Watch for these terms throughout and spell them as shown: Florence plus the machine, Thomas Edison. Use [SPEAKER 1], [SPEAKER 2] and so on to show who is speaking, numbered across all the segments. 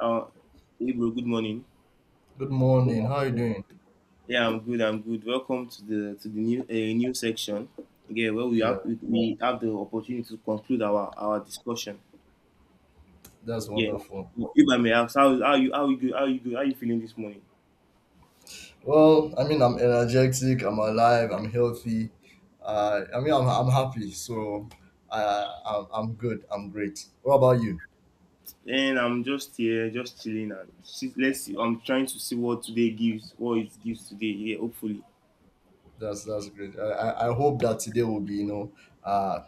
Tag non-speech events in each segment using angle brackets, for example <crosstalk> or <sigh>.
[SPEAKER 1] Uh, hey bro, good morning.
[SPEAKER 2] Good morning. How are you doing?
[SPEAKER 1] Yeah, I'm good. I'm good. Welcome to the new new section. Yeah, where we
[SPEAKER 2] Yeah,
[SPEAKER 1] have we, we have the opportunity to conclude our discussion.
[SPEAKER 2] that's
[SPEAKER 1] Yeah.
[SPEAKER 2] wonderful.
[SPEAKER 1] If I may ask, how you good how you good how you feeling this morning?
[SPEAKER 2] Well, I mean, I'm energetic. I'm alive. I'm healthy. I mean, I'm happy. So, I'm good. I'm great. What about you?
[SPEAKER 1] And I'm just here, just chilling and let's see. I'm trying to see what today gives, what it gives today. Yeah, hopefully,
[SPEAKER 2] That's great. I hope that today will be uh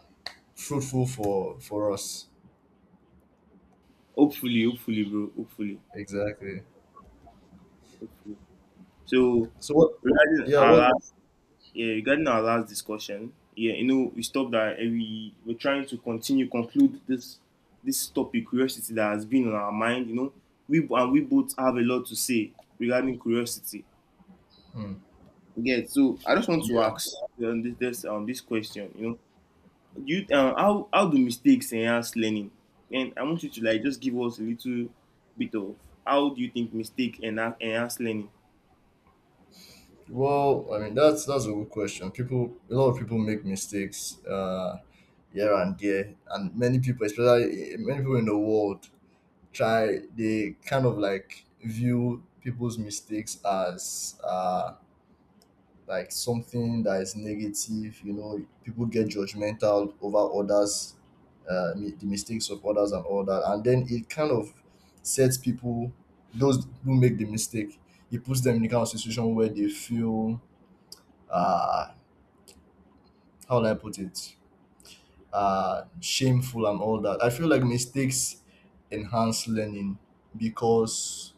[SPEAKER 2] fruitful for us.
[SPEAKER 1] hopefully, hopefully, bro, hopefully,
[SPEAKER 2] Exactly.
[SPEAKER 1] hopefully. So
[SPEAKER 2] So what?
[SPEAKER 1] regarding
[SPEAKER 2] Yeah.
[SPEAKER 1] our
[SPEAKER 2] What?
[SPEAKER 1] last. Yeah, regarding our last discussion, yeah, you know, we stopped that and we were trying to continue, conclude this topic, curiosity that has been on our mind, you know. We and we both have a lot to say regarding curiosity.
[SPEAKER 2] Hmm.
[SPEAKER 1] Yeah, so I just want to
[SPEAKER 2] Yeah.
[SPEAKER 1] ask this question, you know. Do you how do mistakes enhance learning? And I want you to like just give us a little bit of, how do you think mistake enhance learning?
[SPEAKER 2] Well, I mean that's a good question. People, a lot of people make mistakes, here and there, and many people, especially many people in the world, try. They kind of like view people's mistakes as like something that is negative. You know, people get judgmental over others, the mistakes of others and all that, and then it kind of sets people, those who make the mistake, it puts them in the kind of situation where they feel, uh how will I put it? Shameful and all that. I feel like mistakes enhance learning because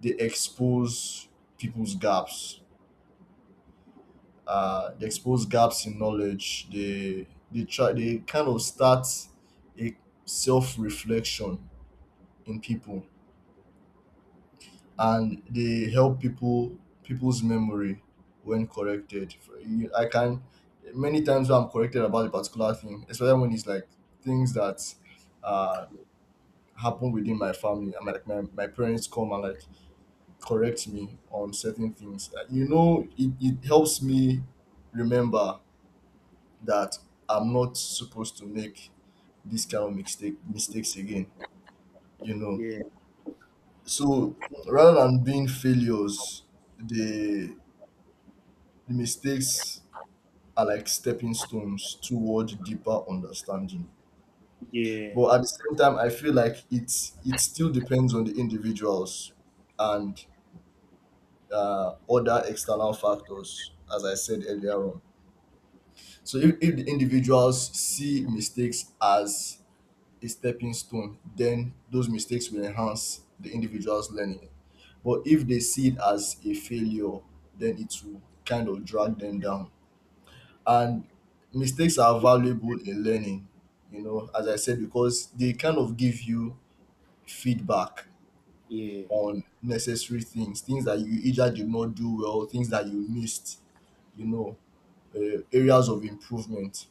[SPEAKER 2] they expose people's gaps. They expose gaps in knowledge. They kind of start a self reflection in people, and they help people's memory when corrected. I can many times when I'm corrected about a particular thing, especially when it's like things that uh happen within my family. I'm like my parents come and like correct me on certain things. You know, it helps me remember that I'm not supposed to make this kind of mistakes again. You know,
[SPEAKER 1] Yeah,
[SPEAKER 2] so rather than being failures, they the mistakes are like stepping stones toward deeper understanding.
[SPEAKER 1] yeah,
[SPEAKER 2] But at the same time, I feel like it still depends on the individuals and, other external factors, as I said earlier on. So if the individuals see mistakes as a stepping stone, then those mistakes will enhance the individual's learning. But if they see it as a failure, then it will kind of drag them down. And mistakes are valuable in learning, you know, as I said, because they kind of give you feedback
[SPEAKER 1] yeah,
[SPEAKER 2] on necessary things, things that you either did not do well, things that you missed, you know, areas of improvement.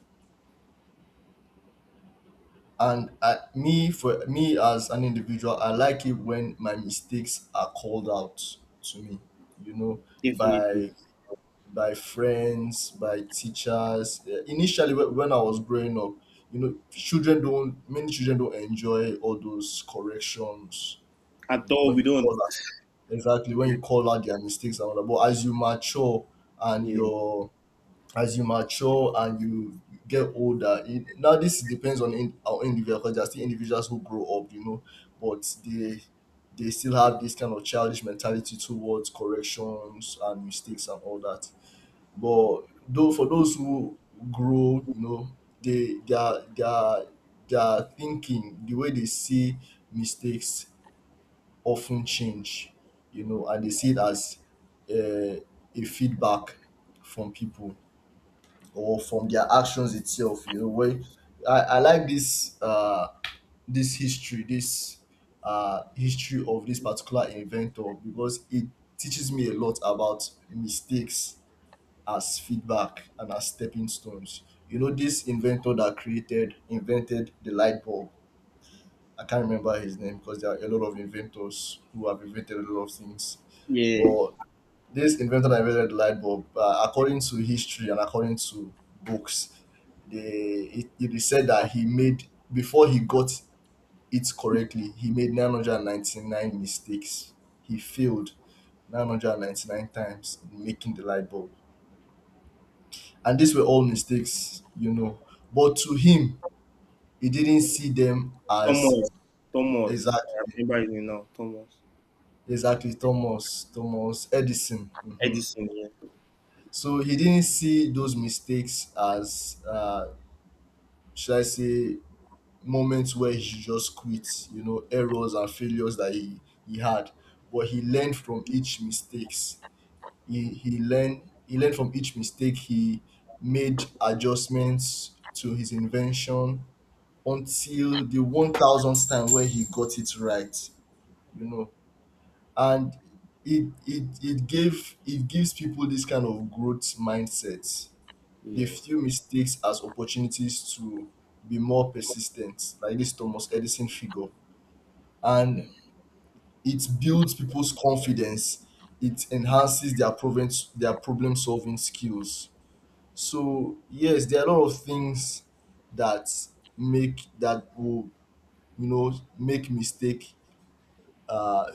[SPEAKER 2] And I, me for me as an individual, I like it when my mistakes are called out to me, you know, by
[SPEAKER 1] definitely.
[SPEAKER 2] friends, by teachers. Initially, when I was growing up, you know, children don't, many children don't enjoy all those corrections.
[SPEAKER 1] At
[SPEAKER 2] You know,
[SPEAKER 1] all,
[SPEAKER 2] when
[SPEAKER 1] we
[SPEAKER 2] you
[SPEAKER 1] don't.
[SPEAKER 2] call out, exactly, when you call out their mistakes and all that. But and
[SPEAKER 1] Yeah.
[SPEAKER 2] you're, as you mature and you get older, it, now this depends on, our individual, because there are still individuals who grow up, you know, but they still have this kind of childish mentality towards corrections and mistakes and all that. But though for those who grow, you know, they their thinking, the way they see mistakes often change, you know, and they see it as, uh, a feedback from people or from their actions itself. You know, when I like this history of this particular inventor because it teaches me a lot about mistakes as feedback and as stepping stones. You know, this inventor that invented the light bulb. I can't remember his name because there are a lot of inventors who have invented a lot of things.
[SPEAKER 1] Yeah,
[SPEAKER 2] But this inventor that invented the light bulb, according to history and according to books, they it is said that he made before he got it correctly, he made 999 mistakes. He failed 999 times in making the light bulb. And these were all mistakes, you know. But to him, he didn't see them as.
[SPEAKER 1] Thomas, Thomas. I
[SPEAKER 2] Exactly,
[SPEAKER 1] remember his name now, Thomas
[SPEAKER 2] exactly. Thomas Edison. Hmm.
[SPEAKER 1] Edison. Yeah,
[SPEAKER 2] So he didn't see those mistakes as, should I say, moments where he should just quit, you know, errors and failures that he had. But he learned from each mistakes. He learned from each mistake. He made adjustments to his invention until the 1,000th time when he got it right, you know. And it gives people this kind of growth mindset. They
[SPEAKER 1] yeah.
[SPEAKER 2] view mistakes as opportunities to be more persistent, like this Thomas Edison figure. And it builds people's confidence. It enhances their problem solving skills. So yes, there are a lot of things that make that will, you know, make mistake, uh,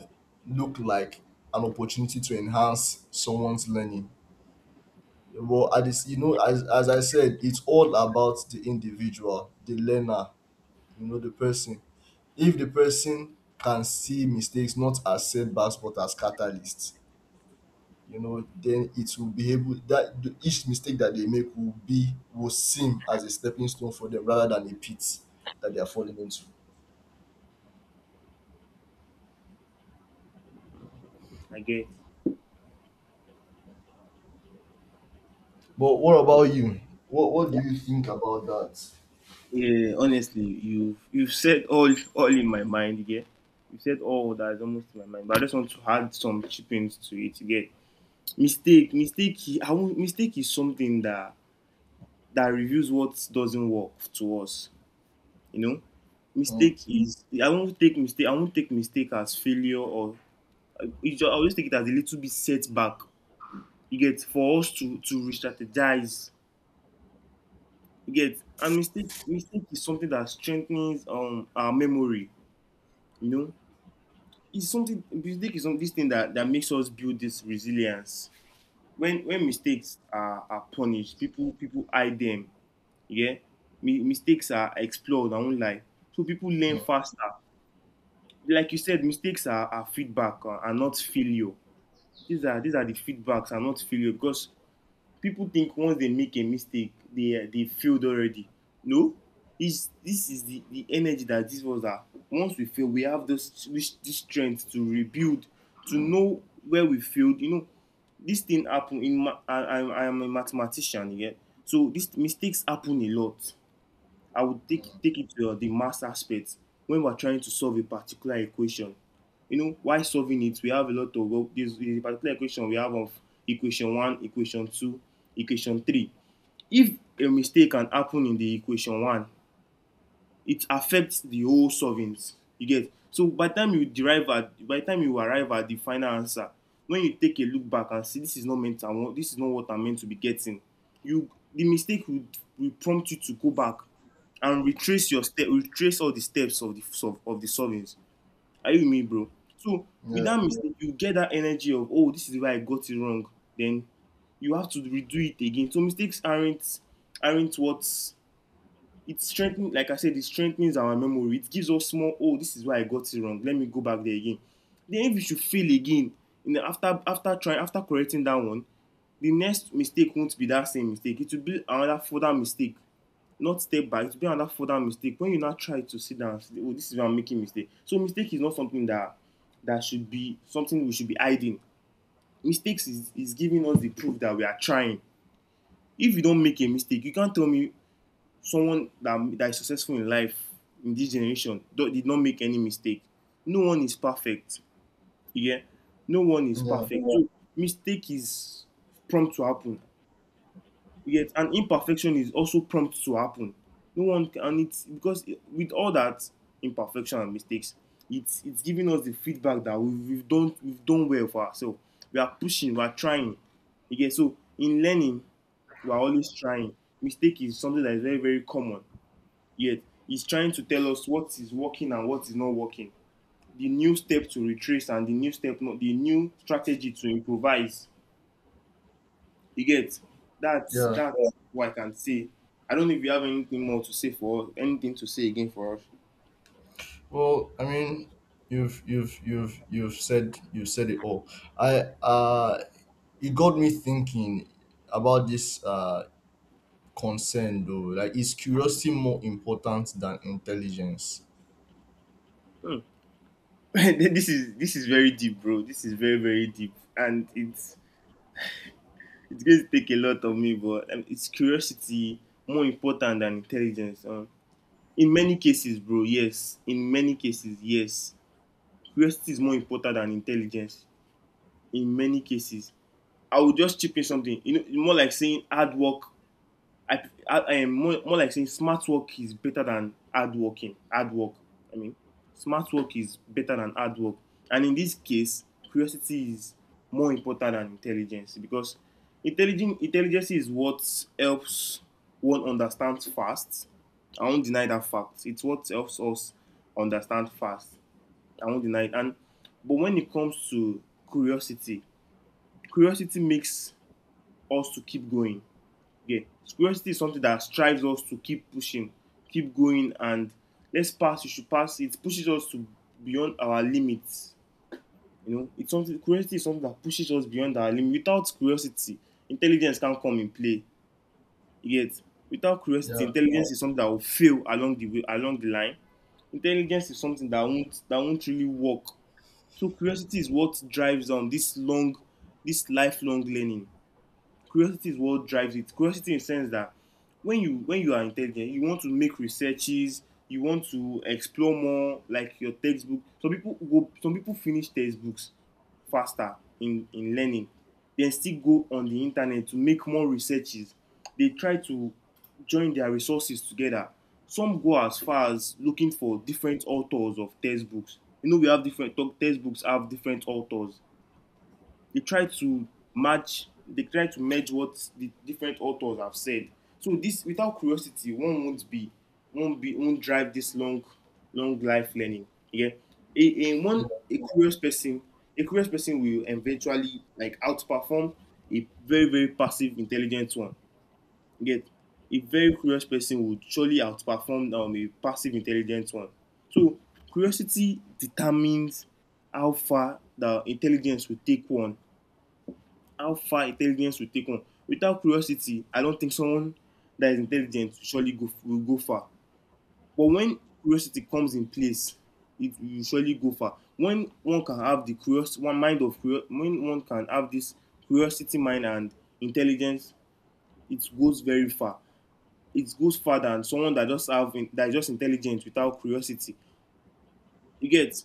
[SPEAKER 2] look like an opportunity to enhance someone's learning. Well, at this, you know, as I said, it's all about the individual, the learner, you know, the person. If the person can see mistakes not as setbacks but as catalysts, you know, then it will be able that each mistake that they make will seem as a stepping stone for them rather than a pit that they are falling into.
[SPEAKER 1] I get.
[SPEAKER 2] But what about you? What do you think about that?
[SPEAKER 1] Yeah, honestly, you've said all in my mind. Yeah, you said all that is almost in my mind. But I just want to add some chippings to it. You get mistake, mistake. I won't, mistake is something that reveals what doesn't work to us. You know,
[SPEAKER 2] Mm,
[SPEAKER 1] mistake is. I won't take mistake. I won't take mistake as failure or. I, I'll just take it as a little bit setback, you get, for us to re-strategize, you get. And mistake is something that strengthens our memory, you know. It's something, mistake is some this thing that makes us build this resilience. When mistakes are punished, people hide them. Yeah. Mi- mistakes are explored, I won't lie, so people learn
[SPEAKER 2] mm,
[SPEAKER 1] faster. Like you said, mistakes are feedback, are not failure. These are the feedbacks, are not failure, because people think once they make a mistake they failed already. No. It's, this is the energy that this was that once we fail we have this strength to rebuild, to know where we failed, you know. This thing happen in ma-, I am a mathematician, yeah. So these mistakes happen a lot. I would take it to the math aspect when we're trying to solve a particular equation. You know, while solving it, we have a lot of, well, this is a particular equation we have of equation one, equation two, equation three. If a mistake can happen in the equation one, it affects the whole solvings, you get. So by the time you arrive at the final answer, when you take a look back and see this is not meant, I want this is not what I'm meant to be getting, you the mistake will prompt you to go back and retrace all the steps of of the solvings. Are you with me, bro? So with
[SPEAKER 2] yeah.
[SPEAKER 1] that mistake, you get that energy of, oh, this is where I got it wrong. Then you have to redo it again. So mistakes aren't what. It strengthens, like I said, it strengthens our memory, it gives us more, oh, this is why I got it wrong, let me go back there again. Then if you should fail again in the after trying, after correcting that one, the next mistake won't be that same mistake. It will be another further mistake, not step back. It will be another further mistake when you now try to sit down and say, oh, this is where I'm making mistake. So mistake is not something that should be something we should be hiding. Mistakes is giving us the proof that we are trying. If you don't make a mistake, you can't tell me someone that is successful in life in this generation did not make any mistake. No one is perfect. Yeah, no one is
[SPEAKER 2] Yeah,
[SPEAKER 1] perfect. So mistake is prompt to happen. Yet, and imperfection is also prompt to happen. No one can, and it's because it-, with all that imperfection and mistakes, it's giving us the feedback that we've done well for ourselves. We are pushing, we are trying. Okay, so in learning, we are always trying. Mistake is something that is very very common yet. He's trying to tell us what is working and what is not working. The new step to retrace and the new step, not the new strategy to improvise. You get, that's
[SPEAKER 2] yeah.
[SPEAKER 1] what I can say. I don't know if you have anything more to say for us, anything to say again for us.
[SPEAKER 2] Well, I mean, you've said it all. I uh, it got me thinking about this concern though. Like, is curiosity more important than intelligence?
[SPEAKER 1] Hmm. <laughs> This is very deep, bro. This is very very deep, and it's going to take a lot of me, but it's curiosity more important than intelligence. In many cases, bro, yes. In many cases, yes, curiosity is more important than intelligence in many cases. I would just chip in something. You know, more like saying hard work. I, I am more like saying smart work is better than hard working. Hard work. I mean, smart work is better than hard work. And in this case, curiosity is more important than intelligence because intelligence is what helps one understand fast. I won't deny that fact. It's what helps us understand fast. I won't deny it. And but when it comes to curiosity, curiosity makes us to keep going. Yeah. Curiosity is something that strives us to keep pushing, keep going, and let's pass, you should pass. It pushes us to beyond our limits. You know, it's something, curiosity is something that pushes us beyond our limit. Without curiosity, intelligence can't come in play. You get, without curiosity,
[SPEAKER 2] Yeah,
[SPEAKER 1] intelligence, yeah, is something that will fail along the way, along the line. Intelligence is something that won't really work. So curiosity is what drives on this long, this lifelong learning. Curiosity is what drives it, curiosity in the sense that when you are intelligent, you want to make researches, you want to explore more like your textbook. Some people go, some people finish textbooks faster in learning, then still go on the internet to make more researches. They try to join their resources together. Some go as far as looking for different authors of textbooks. You know, we have different textbooks have different authors. They try to match they try to merge what the different authors have said. So this, without curiosity, one won't drive this long life learning. Yeah.
[SPEAKER 2] yeah,
[SPEAKER 1] A curious person, a curious person will eventually like outperform a very very passive intelligent one. You get, a very curious person would surely outperform a passive intelligent one. So curiosity determines how far the intelligence will take one, how far intelligence will take on. Without curiosity, I don't think someone that is intelligent will surely go, will go far. But when curiosity comes in place, it will surely go far. When one can have the curious one mind of curio-, when one can have this curiosity mind and intelligence, it goes very far. It goes far than someone that that is just intelligent without curiosity. You get,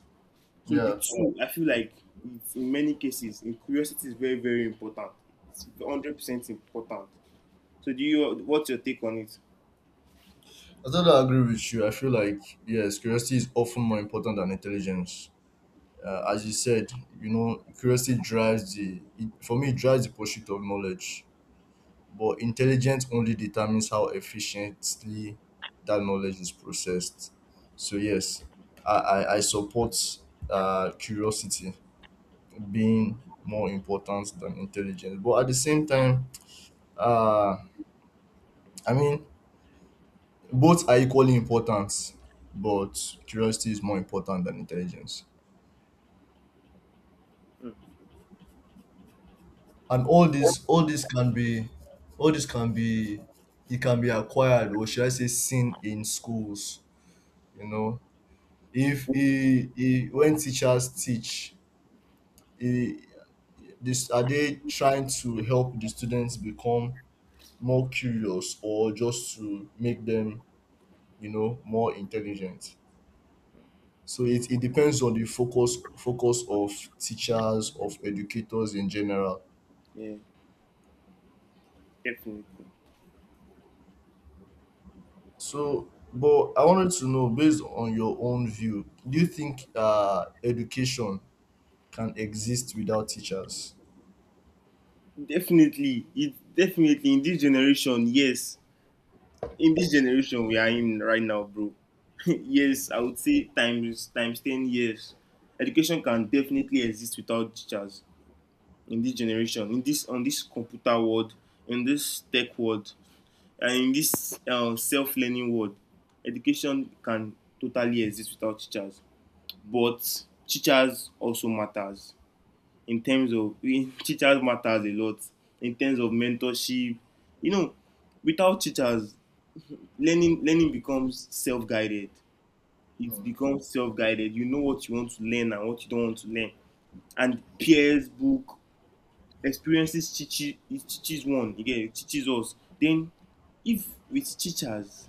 [SPEAKER 1] so the
[SPEAKER 2] yeah.
[SPEAKER 1] two. I feel like it's, in many cases, in, curiosity is very very important. It's 100% important. So do you? What's your take on it?
[SPEAKER 2] I totally agree with you. I feel like yes, curiosity is often more important than intelligence. As you said, you know, curiosity drives for me it drives the pursuit of knowledge. But intelligence only determines how efficiently that knowledge is processed. So yes, I support, curiosity being more important than intelligence. But at the same time, uh, I mean both are equally important, but curiosity is more important than intelligence.
[SPEAKER 1] Mm.
[SPEAKER 2] And all this can be, it can be acquired, or should I say seen in schools, you know, if he he when teachers teach, he this are they trying to help the students become more curious or just to make them, you know, more intelligent, so it depends on the focus of teachers, of educators in general.
[SPEAKER 1] Yeah, definitely,
[SPEAKER 2] So but I wanted to know, based on your own view, do you think education can exist without teachers?
[SPEAKER 1] definitely. It definitely in this generation. Yes, in this generation we are in right now, bro. <laughs> Yes, I would say times 10 years. Education can definitely exist without teachers in this generation, in this on this computer world, in this tech world, and in this self-learning world. Education can totally exist without teachers, but teachers also matters in terms of <laughs> teachers matters a lot in terms of mentorship you know Without teachers, learning becomes self-guided. It
[SPEAKER 2] Hmm.
[SPEAKER 1] becomes self-guided. You know what you want to learn and what you don't want to learn. And peers, book experiences teaches. It teaches one. Again, it teaches us. Then if with teachers,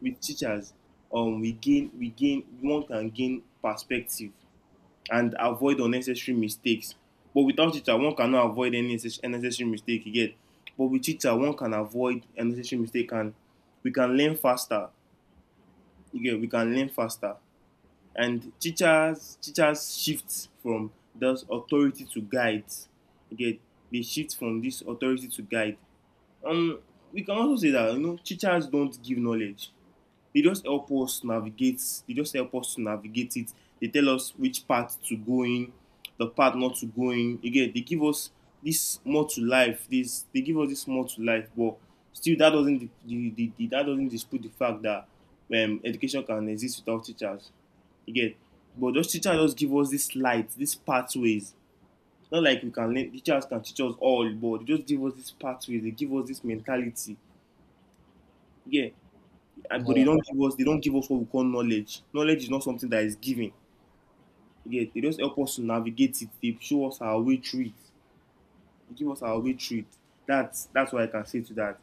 [SPEAKER 1] with teachers we gain one can gain perspective and avoid unnecessary mistakes. But without teacher, one cannot avoid any unnecessary mistake. Again, but with teacher one can avoid unnecessary mistake, and we can learn faster. Again, we can learn faster. And teachers shift from those authority to guide. Again, they shift from this authority to guide. um we can also say that you know teachers don't give knowledge. They just help us navigate. They just help us to navigate it. They tell us which path to go in, the path not to go in. Again, they give us this more to life. This They give us this more to life. But still that doesn't, the that doesn't dispute the fact that education can exist without teachers. Again, but those teachers just give us this light, these pathways. Not like we can learn. Teachers can teach us all, but they just give us this pathways. They give us this mentality. Yeah, and but
[SPEAKER 2] Yeah,
[SPEAKER 1] they don't give us what we call knowledge. Knowledge is not something that is given. You They just help us to navigate it. They show us our way through it. They give us our way through it. That's what I can say to that.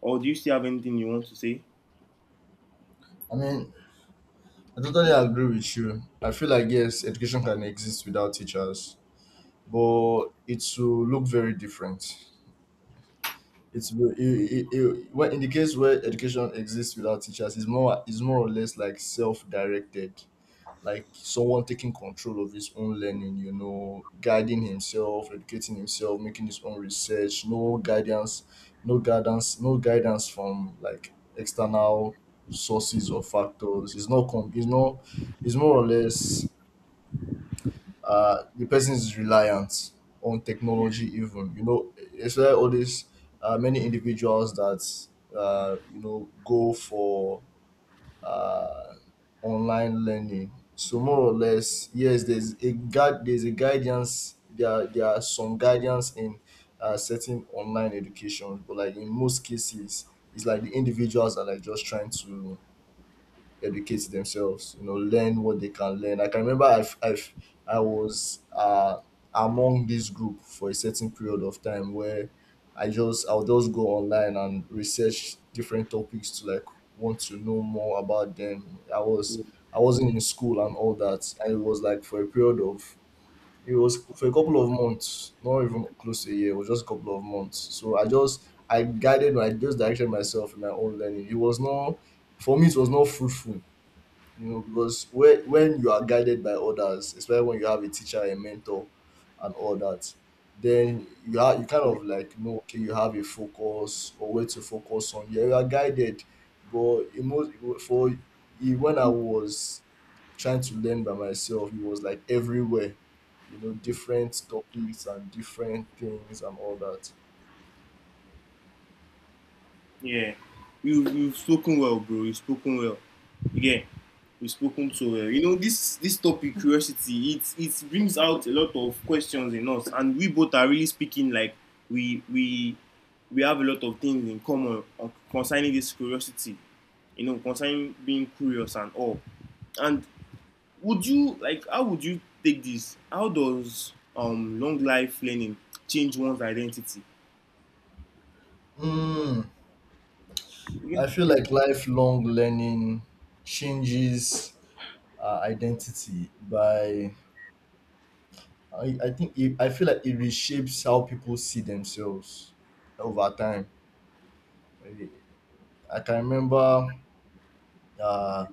[SPEAKER 1] Or do you still have anything you want to say?
[SPEAKER 2] I mean, I totally agree with you. I feel like yes, education can exist without teachers, but it will look very different. It's it, it, it, when- In the case where education exists without teachers, is more or less like self-directed, like someone taking control of his own learning. You know, guiding himself, educating himself, making his own research. No guidance from like external sources or factors. It's not com- It's not. It's more or less, the person is reliant on technology, even, you know, it's where all these, many individuals that, you know, go for uh, online learning, so more or less, yes, there's a guidance, there are some guidance in, certain online education, but like in most cases, it's like the individuals are like just trying to educate themselves, you know, learn what they can learn. I can remember, I was among this group for a certain period of time where I'll just go online and research different topics to, like, want to know more about them. I wasn't in school and all that, and it was like for a period of it was for a couple of months, not even close to a year, it was just a couple of months. So I just I guided my just directed myself in my own learning. It was not For me, it was not fruitful. You know, because when you are guided by others, especially when you have a teacher, a mentor, and all that, then you kind of like know, okay, you have a focus, or where to focus on, yeah, you are guided. But in most for in- when I was trying to learn by myself, it was like everywhere, you know, different topics and different things and all that.
[SPEAKER 1] Yeah, you've spoken well, bro. You've spoken well. Again, you've spoken so
[SPEAKER 2] Mm.
[SPEAKER 1] well. You know this topic, curiosity. It brings out a lot of questions in us, and we both are really speaking like we we we have a lot of things in common concerning this curiosity. You know, concerning being curious and all. And would you like? How would you take this? How does long life learning change one's identity?
[SPEAKER 2] Mm.
[SPEAKER 1] Yeah.
[SPEAKER 2] I feel like lifelong learning changes identity by. I think I feel like it reshapes how people see themselves over time. I I can remember, uh,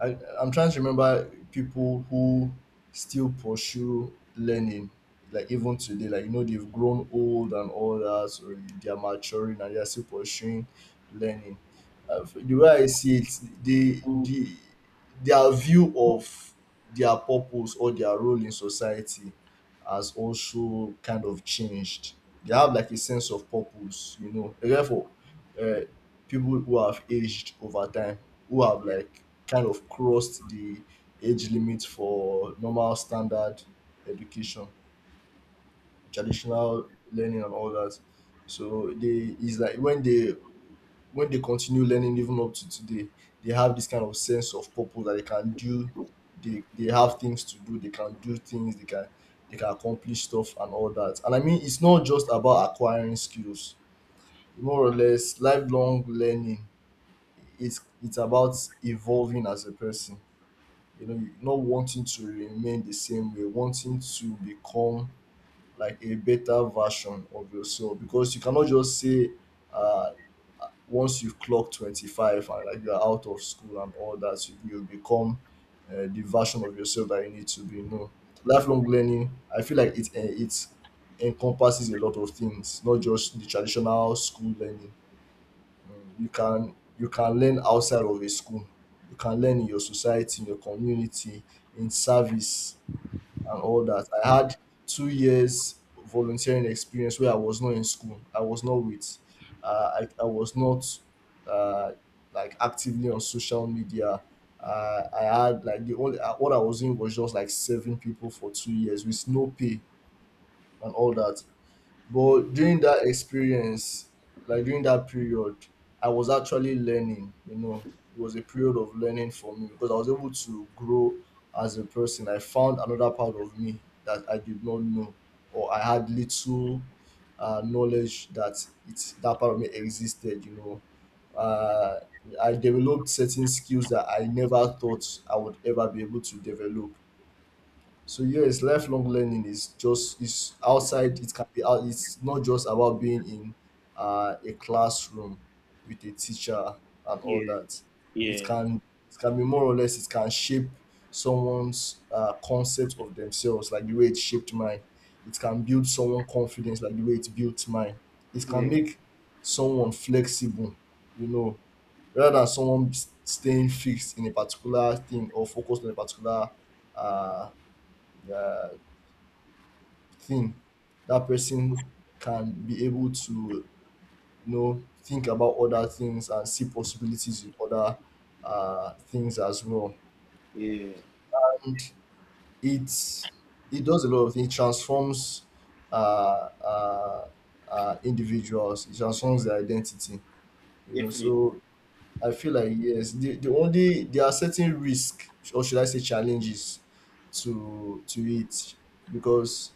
[SPEAKER 2] I'm trying to remember people who still pursue learning, like even today, like you know, they've grown old and all that, so they are maturing and they are still pursuing learning. The way I see it, the
[SPEAKER 1] Oh,
[SPEAKER 2] the their view of their purpose or their role in society has also kind of changed. They have like a sense of purpose, you know. Therefore, uh, people who have aged over time, who have like kind of crossed the age limit for normal standard education, traditional learning, and all that. So they it's like when they continue learning even up to today, they have this kind of sense of purpose that they have things to do, they can do things, they can accomplish stuff and all that. And I mean it's not just about acquiring skills. More or less lifelong learning it's about evolving as a person, you know, you not wanting to remain the same way, wanting to become like a better version of yourself, because you cannot just say uh once you've clocked 25 and like you're out of school and all that, you become the version of yourself that you need to be. No, lifelong learning, I feel like it encompasses a lot of things, not just the traditional school learning. You can learn outside of a school, you can learn in your society, in your community, in service and all that. I had 2 years volunteering experience where I was not in school, I was not with I was not uh, like actively on social media. I had like the only what I was in was just like serving people for 2 years with no pay and all that.
[SPEAKER 1] yeah.
[SPEAKER 2] But during that experience, like during that period, I was actually learning, you know. It was a period of learning for me because I was able to grow as a person. I found another part of me that I did not know, or I had little knowledge that it's that part of me existed, you know. Uh, I developed certain skills that I never thought I would ever be able to develop. So yes, lifelong learning is just is outside. It can be out. It's not just about being in a classroom with a teacher and all
[SPEAKER 1] Yeah,
[SPEAKER 2] that. It
[SPEAKER 1] yeah.
[SPEAKER 2] can it can be more or less. It can shape someone's concept of themselves, like the way it shaped mine. It can build someone confidence, like the way it built mine. It can
[SPEAKER 1] Yeah,
[SPEAKER 2] make someone flexible, you know, rather than someone staying fixed in a particular thing or focused on a particular uh uh, thing. That person can be able to, you know, think about other things and see possibilities in other things as well.
[SPEAKER 1] yeah,
[SPEAKER 2] And it it does a lot of things. It transforms uh, uh, individuals, it transforms their identity, you know.
[SPEAKER 1] definitely.
[SPEAKER 2] So I feel like, yes, there are certain risks, or should I say challenges, to it, because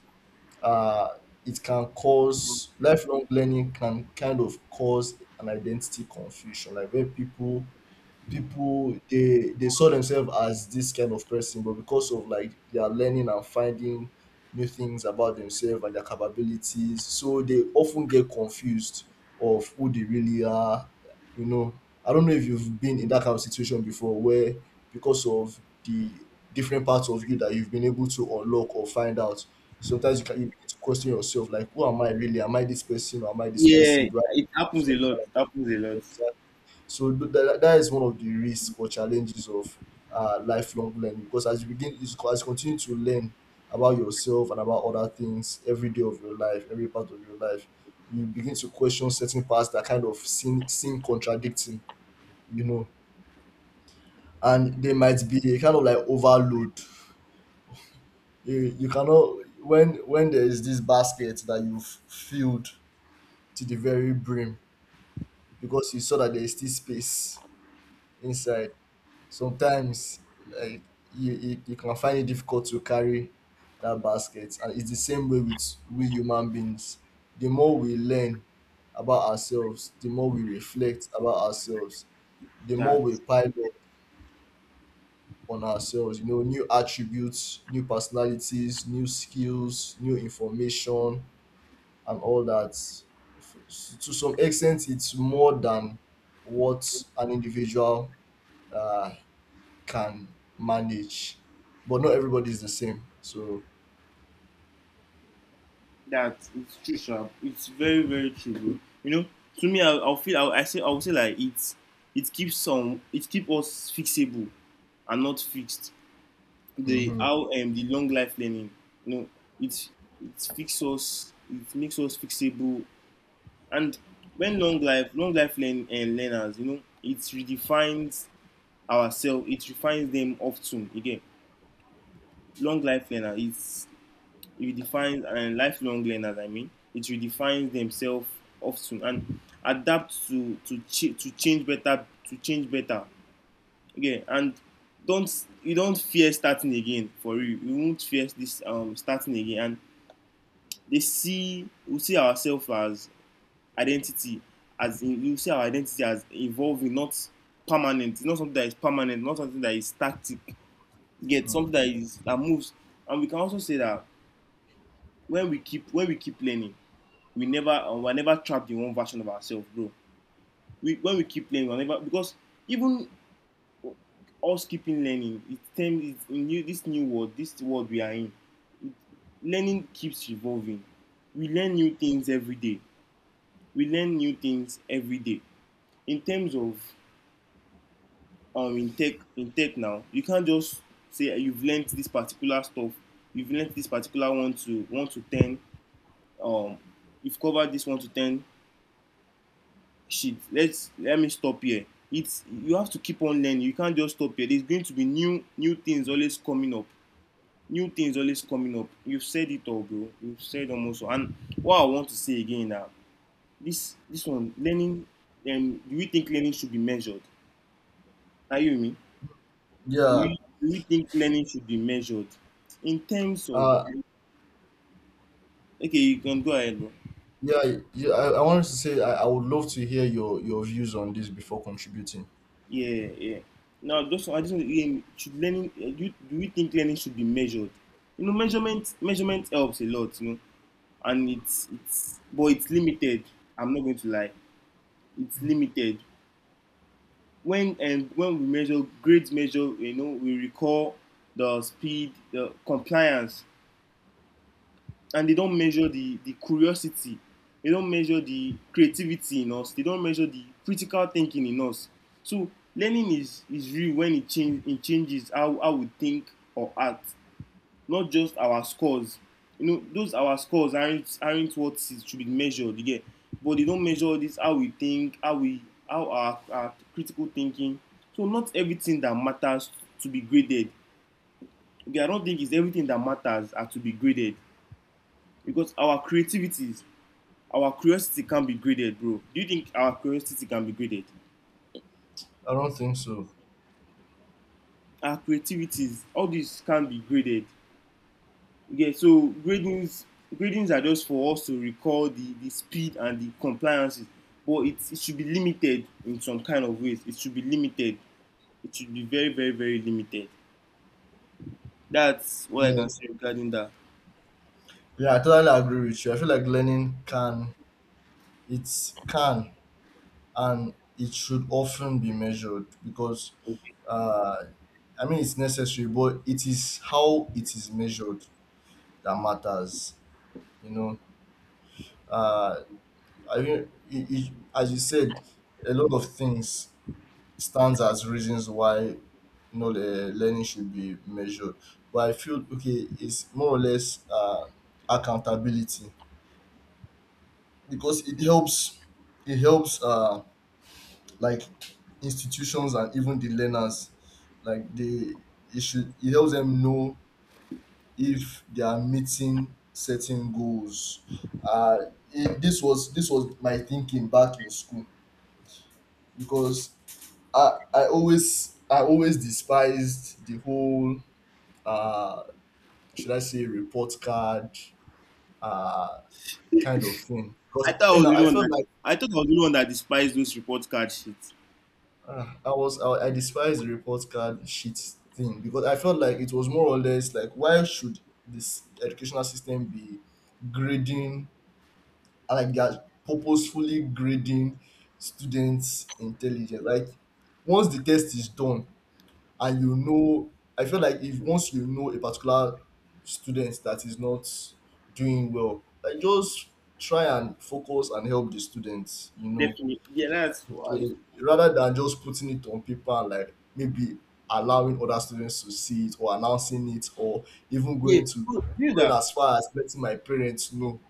[SPEAKER 2] uh, it can cause, lifelong learning can kind of cause an identity confusion, like where people they saw themselves as this kind of person, but because of like they are learning and finding new things about themselves and their capabilities, so they often get confused of who they really are. You know, I don't know if you've been in that kind of situation before, where because of the different parts of you that you've been able to unlock or find out, sometimes you begin to question yourself, like, who am I really? Am I this person or am I this person?
[SPEAKER 1] Yeah,
[SPEAKER 2] Do I,
[SPEAKER 1] it happens
[SPEAKER 2] so,
[SPEAKER 1] a lot. It happens a lot.
[SPEAKER 2] so that is one of the risks or challenges of lifelong learning, because as you continue to learn about yourself and about other things every day of your life, every part of your life, you begin to question certain parts that kind of seem, contradicting, you know, and they might be a kind of like overload. You cannot, When there is this basket that you've filled to the very brim because you saw that there is still space inside, sometimes like you can find it difficult to carry that basket. And it's the same way with we human beings. The more we learn about ourselves, the more we reflect about ourselves, the more
[SPEAKER 1] That
[SPEAKER 2] we pile up on ourselves, you know, new attributes, new personalities, new skills, new information and all that. To some extent it's more than what an individual uh, can manage, but not everybody is the same. So,
[SPEAKER 1] that it's true, sha. It's very, very true, bro. You know, to me, I'll, I feel I say I would say like it's, it keeps us fixable and not fixed. The
[SPEAKER 2] mhm.
[SPEAKER 1] how the long life learning, you know, it it fixes us. It makes us fixable. And when learners, you know, it redefines ourselves. It refines them often again. Long life learner is redefines and Lifelong learners, I mean, it redefines themselves often and adapt to change better, to change better. Okay, and don't fear starting again for you. You won't fear this starting again. And they see we see ourselves as identity, as in you see our identity as evolving, not permanent. It's not something that is permanent, not something that is static. Yet
[SPEAKER 2] Mm.
[SPEAKER 1] something that is, that moves. And we can also say that when we keep learning, we're never trapped in one version of ourselves, bro. When we keep learning, we're never, because even us keeping learning, it's term is in new this new world, this world we are in. Learning keeps evolving. We learn new things every day. We learn new things every day. In terms of in tech now, you can't just say, "Ah, you've learned this particular stuff, you've learned this particular one to ten. Um, you've covered this one to ten. Shit, let me stop here. It's You have to keep on learning. You can't just stop here. There's going to be new things always coming up. New things always coming up. You've said it all, bro. You've said almost all. And what I want to say again now, this one learning. Do we think learning should be measured? Are you with me?
[SPEAKER 2] Yeah.
[SPEAKER 1] Do we think learning should be measured in terms of...
[SPEAKER 2] uh,
[SPEAKER 1] Okay, you can go ahead, bro.
[SPEAKER 2] yeah, yeah. I wanted to say, I would love to hear your views on this before contributing.
[SPEAKER 1] Yeah, yeah. Now, just I just want to, should learning. Do you think learning should be measured? You know, measurement helps a lot. You know, and it's but it's limited. I'm not going to lie. It's
[SPEAKER 2] Mm.
[SPEAKER 1] limited. When we measure grades, measure, we recall the speed, the compliance. And they don't measure the curiosity. They don't measure the creativity in us. They don't measure the critical thinking in us. So learning is real when it changes how we think or act, not just our scores. You know those, our scores aren't what should be measured, you get. But they don't measure this how we think, how we, how our critical thinking. So not everything that matters to be graded. Okay, I don't think it's everything that matters are to be graded, because our creativities, our curiosity can be graded, bro. Do you think our curiosity can be graded?
[SPEAKER 2] I don't think so.
[SPEAKER 1] Our creativities, all these can be graded. Okay, so gradings are just for us to recall the speed and the compliances, but it should be limited in some kind of ways. It should be limited. It should be very, very, very limited. That's what I
[SPEAKER 2] Yeah,
[SPEAKER 1] can say regarding that.
[SPEAKER 2] yeah, I totally agree with you. I feel like learning can it's can and it should often be measured, because
[SPEAKER 1] Okay.
[SPEAKER 2] uh, I mean, it's necessary, but it is how it is measured that matters. You know, uh, I mean, as you said, a lot of things stands as reasons why, you know, the learning should be measured. But I feel, okay, it's more or less accountability because it helps. It helps like institutions and even the learners, like they it should it helps them know if they are meeting certain goals. Uh, this was my thinking back in school, because I always despised the whole uh should I say report card uh kind of thing, because
[SPEAKER 1] I thought I
[SPEAKER 2] you
[SPEAKER 1] was
[SPEAKER 2] know
[SPEAKER 1] the
[SPEAKER 2] I
[SPEAKER 1] one
[SPEAKER 2] felt
[SPEAKER 1] that
[SPEAKER 2] like
[SPEAKER 1] I thought I was the one that despised those report card sheets.
[SPEAKER 2] I despised the report card shit thing, because I felt like it was more or less like, why should this educational system be grading, like they are purposefully grading students intelligence, like once the test is done. And you know, I feel like if once you know a particular student that is not doing well, like just try and focus and help the students, you know,
[SPEAKER 1] Definitely. Yeah, that's why.
[SPEAKER 2] to, rather than just putting it on paper and like maybe allowing other students to see it or announcing it or even
[SPEAKER 1] Yeah,
[SPEAKER 2] going to
[SPEAKER 1] bro, do you know
[SPEAKER 2] going
[SPEAKER 1] that...
[SPEAKER 2] as far as letting my parents know.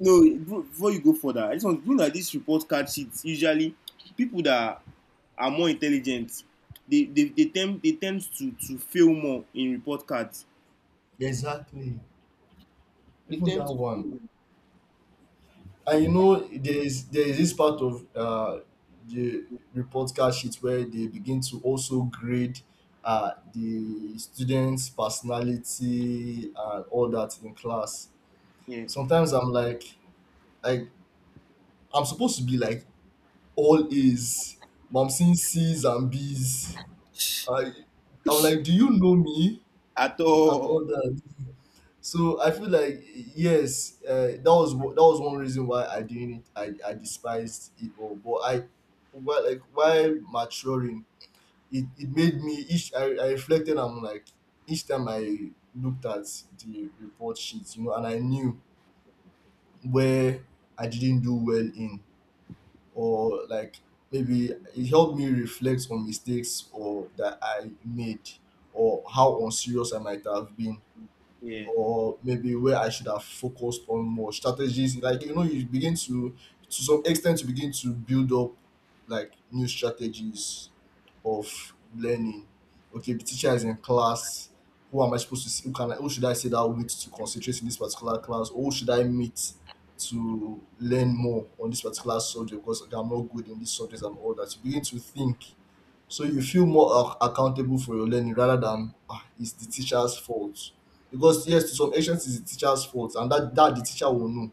[SPEAKER 1] No, before you go further, I just want to know that this report card sheets, usually people that are more intelligent, they tend to fail more in report cards.
[SPEAKER 2] Exactly,
[SPEAKER 1] They
[SPEAKER 2] even
[SPEAKER 1] tend
[SPEAKER 2] that
[SPEAKER 1] to
[SPEAKER 2] one.
[SPEAKER 1] fail.
[SPEAKER 2] And you know, there is this part of the report card sheet where they begin to also grade the students' personality and all that in class.
[SPEAKER 1] Yeah.
[SPEAKER 2] Sometimes I'm like, like I'm supposed to be like all A's, but I'm seeing C's and B's. I, I'm like, do you know me
[SPEAKER 1] At
[SPEAKER 2] and
[SPEAKER 1] all.
[SPEAKER 2] all that? So I feel like, yes, that was one reason why I didn't, I despised it all. But while while maturing, it made me each I reflected, and I'm like, each time I looked at the report sheets, you know, and I knew where I didn't do well in, or like maybe it helped me reflect on mistakes or that I made, or how unserious I might have been,
[SPEAKER 1] Yeah,
[SPEAKER 2] or maybe where I should have focused on more strategies. Like you know, you begin to some extent you begin to build up like new strategies of learning. Okay, the teacher is in class. Who am I supposed to see? Who can I, who should I sit down with to concentrate in this particular class? Or who should I meet to learn more on this particular subject because I'm not good in this subject and all that. You begin to think, so you feel more accountable for your learning, rather than, ah, it's the teacher's fault. Because yes, to some extent it's the teacher's fault, and that the teacher will know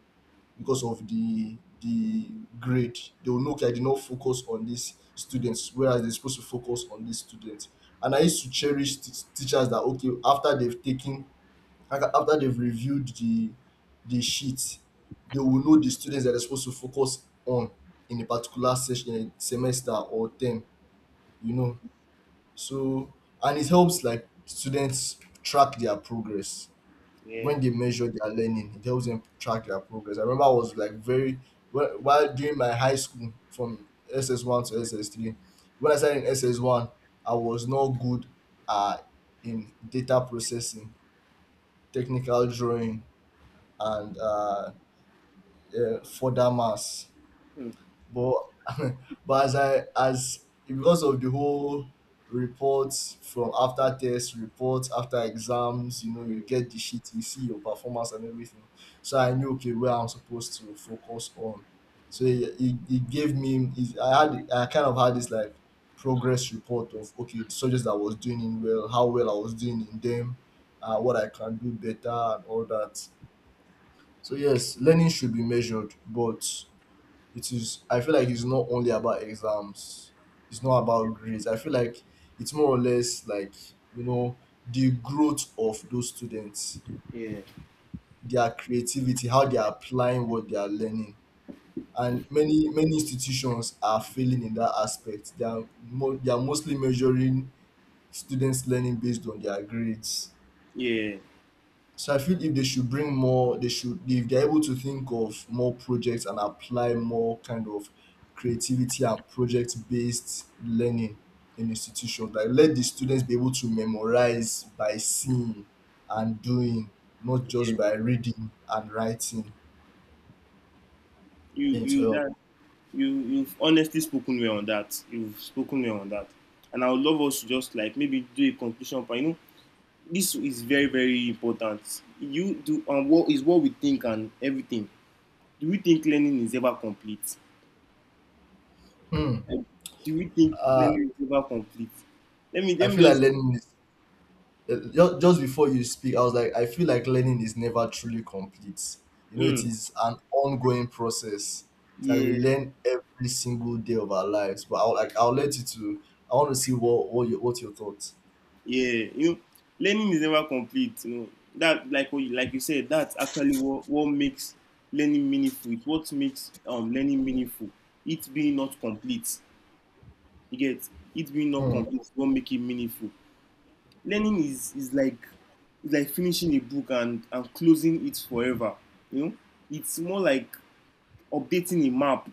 [SPEAKER 2] because of the grade. They will know, okay, I did not focus on these students, whereas they're supposed to focus on these students. And I used to cherish teachers that, okay, after they've taken, after they've reviewed the sheet, they will know the students that they're supposed to focus on in a particular session, semester or term, you know. So, and it helps like students track their progress
[SPEAKER 1] yeah.
[SPEAKER 2] when they measure their learning. It helps them track their progress. I remember I was like very while during my high school from SS one to SS three. When I started in SS one, I was not good uh, in data processing, technical drawing, and further maths.
[SPEAKER 1] Mm,
[SPEAKER 2] But <laughs> but as I, as because of the whole reports from after tests, reports after exams, you know, you get the sheet, you see your performance and everything. So I knew okay where I'm supposed to focus on. So it gave me, I had, I kind of had this like progress report of, okay, the subjects that I was doing in well, how well I was doing in them, what I can do better and all that. So yes, learning should be measured, but it is I feel like it's not only about exams, it's not about grades. I feel like it's more or less like, you know, the growth of those students,
[SPEAKER 1] yeah,
[SPEAKER 2] their creativity, how they are applying what they are learning. And many many institutions are failing in that aspect. They are, they are mostly measuring students learning based on their grades.
[SPEAKER 1] yeah.
[SPEAKER 2] So I feel if they should bring more, they should, if they're able to think of more projects and apply more kind of creativity and project based learning in institutions. Like let the students be able to memorize by seeing and doing, not just by reading and writing.
[SPEAKER 1] you
[SPEAKER 2] Then to
[SPEAKER 1] you
[SPEAKER 2] help.
[SPEAKER 1] that you've honestly spoken well on that. You've spoken well on that, and I would love us to just like maybe do a conclusion. But you know, this is very, very important, you do. And what is what we think and everything. Do you think learning is ever complete?
[SPEAKER 2] Hmm.
[SPEAKER 1] Like, do you think
[SPEAKER 2] Uh,
[SPEAKER 1] learning is ever complete? Let me
[SPEAKER 2] I
[SPEAKER 1] let me
[SPEAKER 2] feel like
[SPEAKER 1] just...
[SPEAKER 2] learning is, just before you speak, I was like, I feel like learning is never truly complete. You know, it
[SPEAKER 1] Mm,
[SPEAKER 2] is an ongoing process. It's like we
[SPEAKER 1] yeah,
[SPEAKER 2] learn every single day of our lives. But I'll like I'll let you to. I want to see what your thoughts.
[SPEAKER 1] yeah. You know, learning is never complete. You know that, like what you, like you said, that's actually what makes learning meaningful. It's what makes learning meaningful, it being not complete, you get. It being not
[SPEAKER 2] Hmm.
[SPEAKER 1] complete won't make it meaningful. Learning is like finishing a book and closing it forever. You know, it's more like updating a map.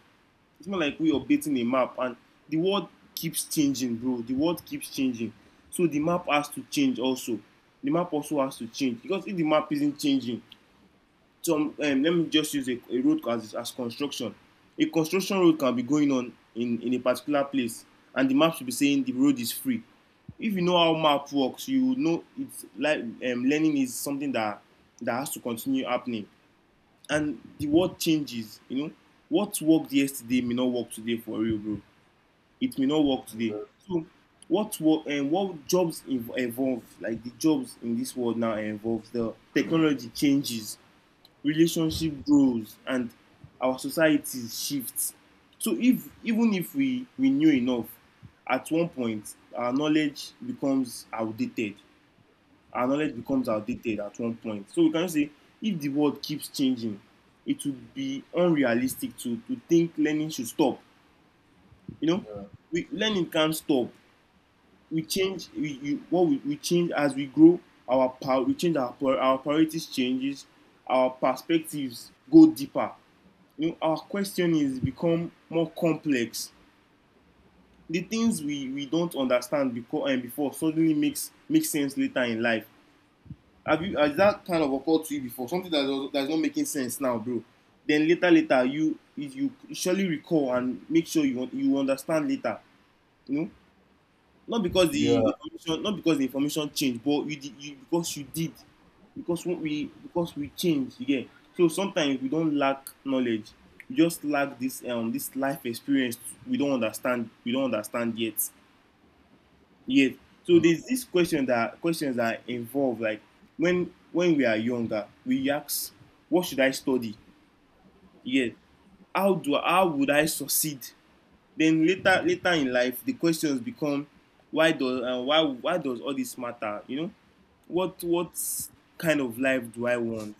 [SPEAKER 1] It's not like we updating a map, and the world keeps changing, bro. The world keeps changing. So the map has to change also. The map also has to change, because if the map isn't changing, some... let me just use a road as construction. A construction road can be going on in a particular place, and the map should be saying the road is free. If you know how map works, you know it's like, learning is something that has to continue happening, and the world changes. You know, what worked yesterday may not work today, for real, bro. It may not work today. So what work and what jobs evolve, like the jobs in this world now evolve. The technology changes, relationship grows, and our society shifts. So if even if we knew enough, at one point our knowledge becomes outdated. Our knowledge becomes outdated at one point. So we can say if the world keeps changing, it would be unrealistic to think learning should stop. You know,
[SPEAKER 2] Yeah.
[SPEAKER 1] we learning can't stop. We change as we grow. Our power We change our priorities changes, our perspectives go deeper. You know, our question is become more complex. The things we don't understand because and before suddenly makes sense later in life. Have you has that kind of occurred to you before? Something that does, that's not making sense now, bro. Then later, later, you if you surely recall and make sure you understand later. You know,
[SPEAKER 2] Yeah.
[SPEAKER 1] not because the information changed, but you because you did, because we changed again. So sometimes we don't lack knowledge, we just lack this this life experience. We don't understand yet. Yes. So there's this questions that involve like when we are younger, we ask, what should I study? Yes. How would I succeed? Then later, later in life, the questions become, why does all this matter, you know, what kind of life do I want.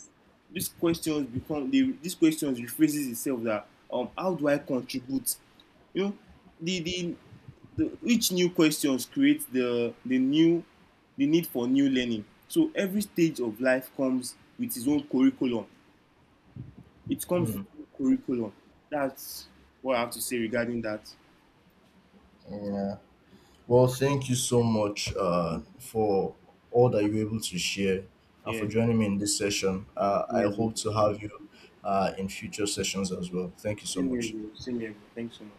[SPEAKER 1] These questions become the, these questions rephrases itself, that how do I contribute, you know. The the, the Each new questions creates the new the need for new learning. So every stage of life comes with its own curriculum. It comes with
[SPEAKER 2] Mm.
[SPEAKER 1] its own curriculum. That's what I have to say regarding that.
[SPEAKER 2] Yeah. Well, thank you so much for all that you were able to share and for
[SPEAKER 1] Yeah.
[SPEAKER 2] joining me in this session.
[SPEAKER 1] Same
[SPEAKER 2] I
[SPEAKER 1] here, bro.
[SPEAKER 2] hope to have you in future sessions as well. Thank you so
[SPEAKER 1] Same here,
[SPEAKER 2] much.
[SPEAKER 1] bro. Same here, bro. Thanks so much.